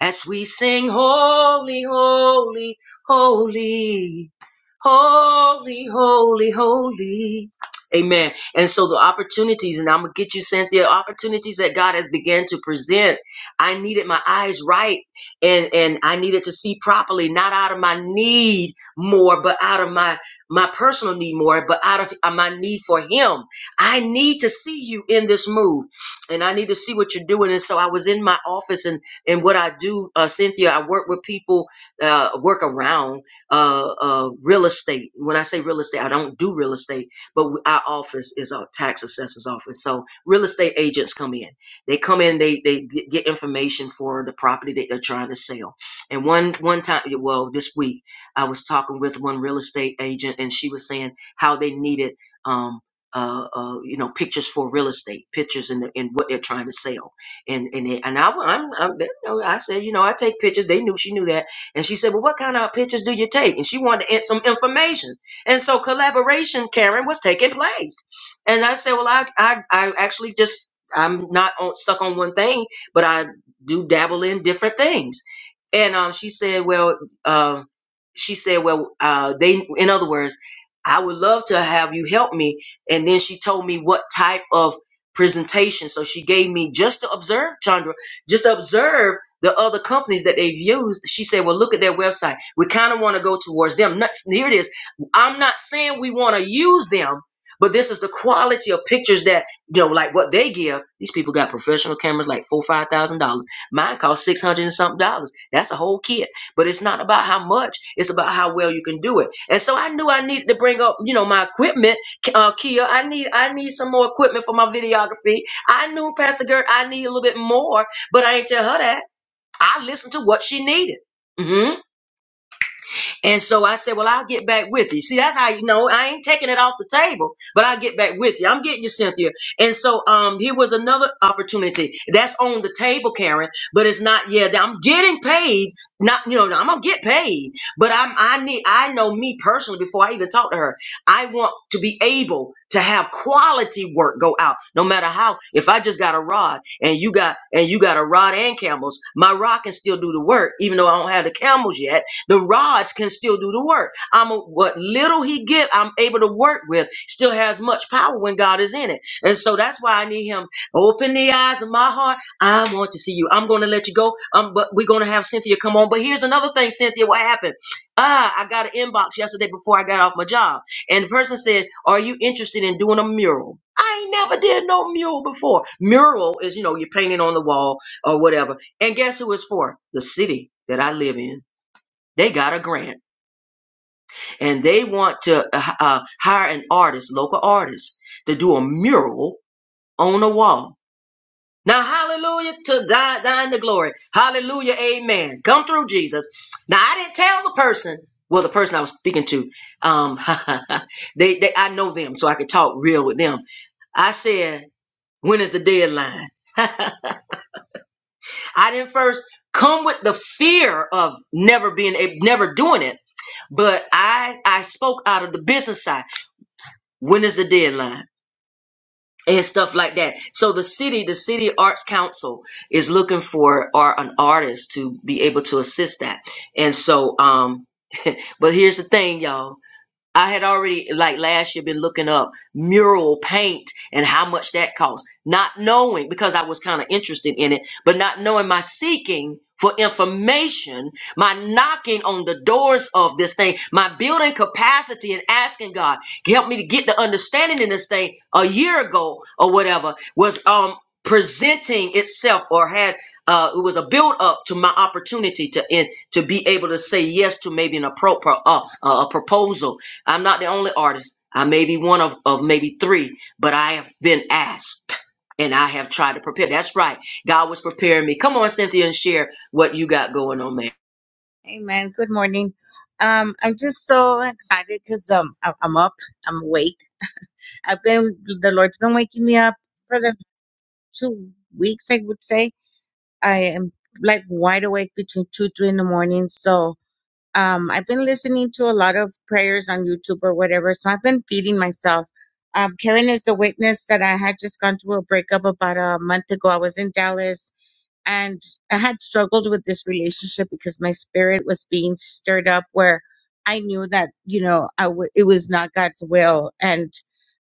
S1: as we sing holy, holy, holy, holy, holy, holy. Amen. And so the opportunities, and I'm gonna get you, Cynthia, opportunities that God has began to present. I needed my eyes right and and I needed to see properly, not out of my need more, but out of my my personal need more, but out of uh, my need for him. I need to see you in this move and I need to see what you're doing. And so I was in my office, and and what I do, uh, Cynthia, I work with people, uh, work around uh, uh, real estate. When I say real estate, I don't do real estate, but w- our office is our tax assessor's office. So real estate agents come in. They come in, they they g- get information for the property that they're trying to sell. And one one time, well, this week I was talking with one real estate agent, and she was saying how they needed. Um, uh, uh, you know, pictures for real estate, pictures and and what they're trying to sell, and and they, and I, am I'm, they know, I said, you know, I take pictures. They knew she knew that, and she said, well, what kind of pictures do you take? And she wanted to add some information, and so collaboration, Karen, was taking place, and I said, well, I I, I actually just I'm not on, stuck on one thing, but I do dabble in different things, and um, she said, well, um, she said, well, uh, they, in other words. I would love to have you help me and then she told me what type of presentation. So she gave me just to observe, Chandra, just to observe the other companies that they've used. She said, "Well, look at their website. We kind of want to go towards them." Nuts- Here it is. I'm not saying we want to use them, but this is the quality of pictures that you know, like what they give. These people got professional cameras, like four, five thousand dollars. Mine cost six hundred and something dollars. That's a whole kit. But it's not about how much; it's about how well you can do it. And so I knew I needed to bring up, you know, my equipment uh, Kia, I need I need some more equipment for my videography. I knew Pastor Gert, I need a little bit more, but I ain't tell her that. I listened to what she needed. Mhm. And so I said, Well, I'll get back with you. See, that's how you know I ain't taking it off the table, but I'll get back with you. I'm getting you, Cynthia. And so um here was another opportunity. That's on the table, Karen, but it's not yet. I'm getting paid. Not, you know, I'm gonna get paid, but I'm I need I know me personally before I even talk to her. I want to be able to have quality work go out, no matter how. If I just got a rod and you got and you got a rod and camels, my rod can still do the work, even though I don't have the camels yet the rods can still do the work. I'm a, what little he give, I'm able to work with. Still has much power when God is in it, and so that's why I need him. Open the eyes of my heart. I want to see you. I'm going to let you go. Um, but we're going to have Cynthia come on. But here's another thing, Cynthia. What happened? Ah, I got an inbox yesterday before I got off my job, and the person said, "Are you interested in doing a mural?" I ain't never did no mural before. Mural is, you know, you're painting on the wall or whatever. And guess who it's for? The city that I live in. They got a grant and they want to uh, uh, hire an artist, local artist, to do a mural on a wall. Now, hallelujah to die, thine the glory. Hallelujah, amen. Come through, Jesus. Now, I didn't tell the person, well, the person I was speaking to, um, [LAUGHS] they, they, I know them, so I could talk real with them. I said, when is the deadline? I didn't first come with the fear of never being, eh, never doing it but I I spoke out of the business side. when is the deadline and stuff like that so the city the city arts council is looking for or an artist to be able to assist that and so um [LAUGHS] but here's the thing y'all I had already, like last year, been looking up mural paint and how much that costs, not knowing because I was kind of interested in it, but not knowing my seeking for information, my knocking on the doors of this thing, my building capacity and asking God, help me to get the understanding in this thing a year ago or whatever was um presenting itself or had uh, it was a build up to my opportunity to in, to be able to say yes to maybe an appro- pro- uh, a proposal I'm not the only artist. I may be one of, of maybe three, but I have been asked and I have tried to prepare. That's right. God was preparing me. Come on, Cynthia, and share what you got going on, man.
S4: Amen. Good morning. Um, I'm just so excited because um, I- I'm up. I'm awake. I've been the Lord's been waking me up for the two weeks. I would say I am like wide awake between two, three in the morning. So um, I've been listening to a lot of prayers on YouTube or whatever. So I've been feeding myself. Um, Karen is a witness that I had just gone through a breakup about a month ago. I was in Dallas and I had struggled with this relationship because my spirit was being stirred up where I knew that, you know, I w- it was not God's will. And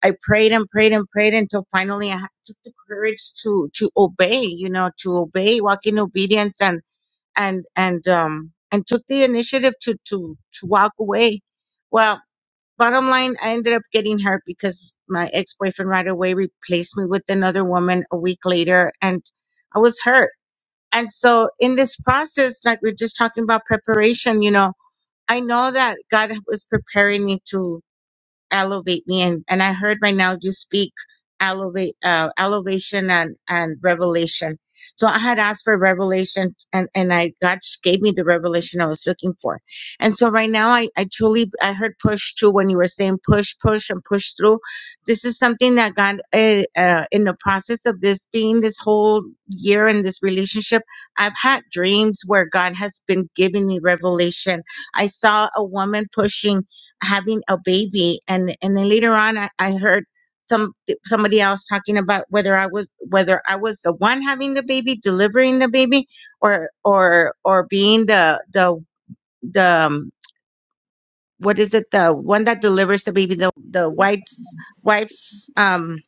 S4: I prayed and prayed and prayed until finally I had took the courage to, to obey, you know, to obey, walk in obedience and, and, and, um, and took the initiative to, to, to walk away. Well, bottom line, I ended up getting hurt because my ex boyfriend right away replaced me with another woman a week later, and I was hurt and so in this process, like we're just talking about preparation, you know, I know that God was preparing me to elevate me and and i heard right now you speak elevate uh, elevation and and revelation so i had asked for revelation and and i god gave me the revelation i was looking for and so right now i i truly i heard push too when you were saying push push and push through this is something that god uh, uh, in the process of this being this whole year in this relationship i've had dreams where god has been giving me revelation i saw a woman pushing having a baby and and then later on I, I heard some somebody else talking about whether I was whether I was the one having the baby delivering the baby or or or being the the the um, what is it the one that delivers the baby the the wife's wife's um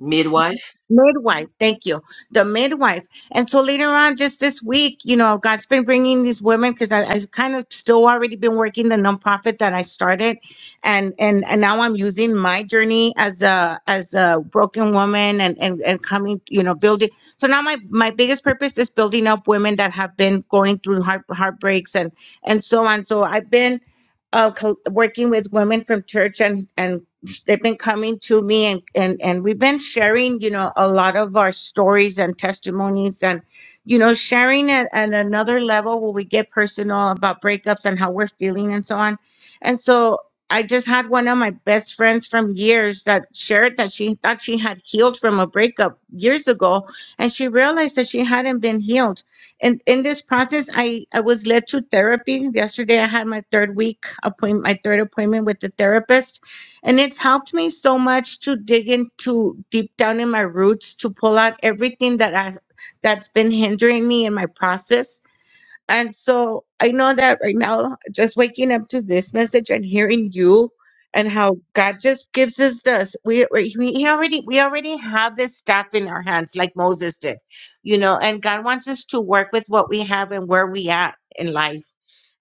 S1: Midwife.
S4: midwife thank you the midwife and so later on just this week you know god's been bringing these women because I, I kind of still already been working the nonprofit that i started and and and now i'm using my journey as a as a broken woman and and, and coming you know building so now my my biggest purpose is building up women that have been going through heart, heartbreaks and and so on so i've been uh, co- working with women from church and and they've been coming to me and and and we've been sharing you know a lot of our stories and testimonies and you know sharing at, at another level where we get personal about breakups and how we're feeling and so on and so i just had one of my best friends from years that shared that she thought she had healed from a breakup years ago and she realized that she hadn't been healed and in this process i i was led to therapy yesterday i had my third week appointment my third appointment with the therapist and it's helped me so much to dig into deep down in my roots to pull out everything that I that's been hindering me in my process. And so I know that right now, just waking up to this message and hearing you and how God just gives us this. We, we we already we already have this staff in our hands, like Moses did, you know. And God wants us to work with what we have and where we at in life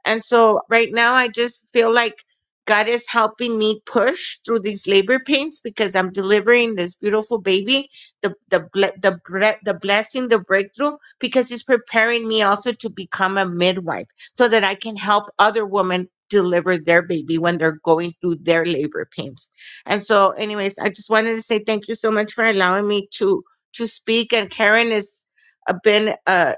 S4: and so right now, I just feel like God is helping me push through these labor pains because I'm delivering this beautiful baby, the the ble- the bre- the blessing, the breakthrough, because He's preparing me also to become a midwife so that I can help other women deliver their baby when they're going through their labor pains. And so, anyways, I just wanted to say thank you so much for allowing me to to speak. And Karen has uh, been uh,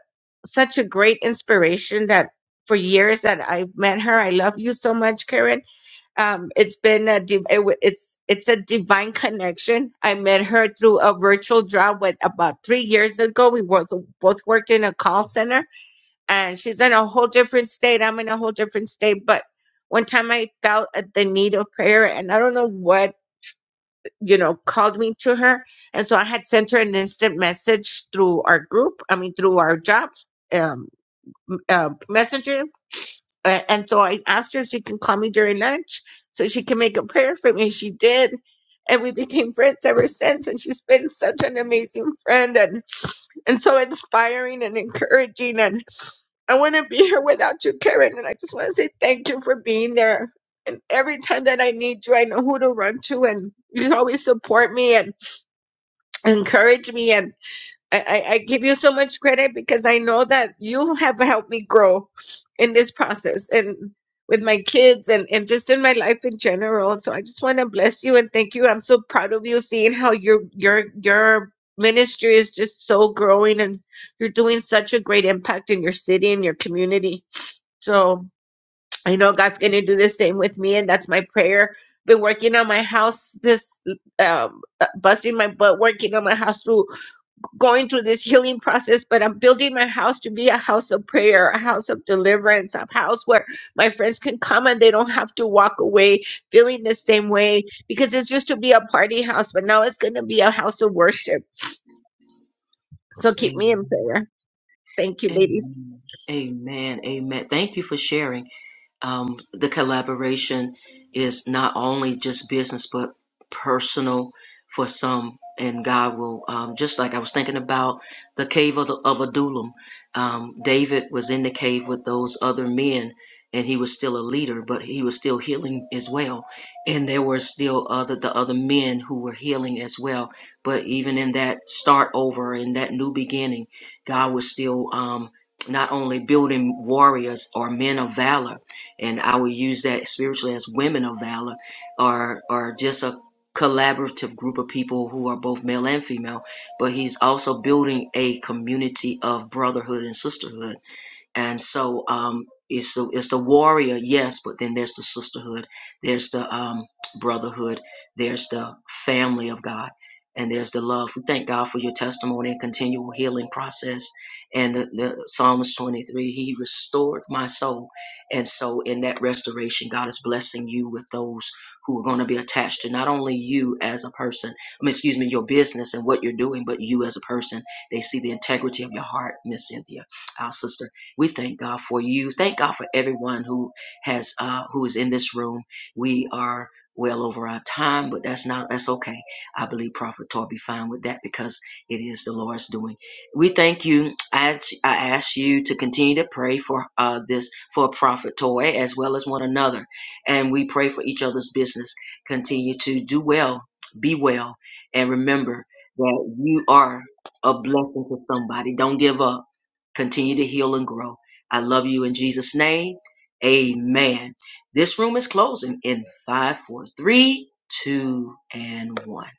S4: such a great inspiration that for years that I've met her. I love you so much, Karen. Um, it's been a div- it w- it's it's a divine connection. I met her through a virtual job with about three years ago. We both both worked in a call center, and she's in a whole different state. I'm in a whole different state, but one time I felt at the need of prayer, and I don't know what you know called me to her, and so I had sent her an instant message through our group. I mean, through our job um, uh, messenger a- And so I asked her if she can call me during lunch so she can make a prayer for me. She did. And we became friends ever since. And she's been such an amazing friend and, and so inspiring and encouraging. And I wouldn't be here without you, Karen. And I just want to say thank you for being there. And every time that I need you, I know who to run to. And you always support me and encourage me. I, I, I give you so much credit because I know that you have helped me grow in this process and with my kids and, and just in my life in general. So I just want to bless you and thank you. I'm so proud of you seeing how your your your ministry is just so growing and you're doing such a great impact in your city and your community. So I know God's gonna do the same with me and that's my prayer. Been working on my house this um uh, busting my butt working on my house through going through this healing process, but I'm building my house to be a house of prayer, a house of deliverance, a house where my friends can come and they don't have to walk away feeling the same way because it's just to be a party house, but now it's going to be a house of worship. So keep me
S1: Amen.
S4: in prayer. Thank you, ladies.
S1: Amen. Amen. Amen. Thank you for sharing. um, the collaboration is not only just business but personal for some and god will um, just like i was thinking about the cave of, of adullam um, david was in the cave with those other men and he was still a leader but he was still healing as well and there were still other the other men who were healing as well but even in that start over in that new beginning god was still um, not only building warriors or men of valor and I would use that spiritually as women of valor, are are just a collaborative group of people who are both male and female. But he's also building a community of brotherhood and sisterhood and so um it's the it's the warrior yes but then there's the sisterhood there's the um brotherhood there's the family of god and there's the love we thank god for your testimony and continual healing process and the, the psalms 23 he restored my soul and so in that restoration god is blessing you with those who are going to be attached to not only you as a person I mean, excuse me your business and what you're doing but you as a person they see the integrity of your heart miss cynthia our sister we thank God for you. Thank God for everyone who has uh, who is in this room. We are well over our time, but that's not that's okay. I believe Prophet Tor be fine with that because it is the Lord's doing. We thank you. I ask, I ask you to continue to pray for uh, this for Prophet Tor as well as one another, and we pray for each other's business. Continue to do well, be well, and remember that you are a blessing to somebody. Don't give up continue to heal and grow. I love you in Jesus' name. Amen. This room is closing in five, four, three, two, and one.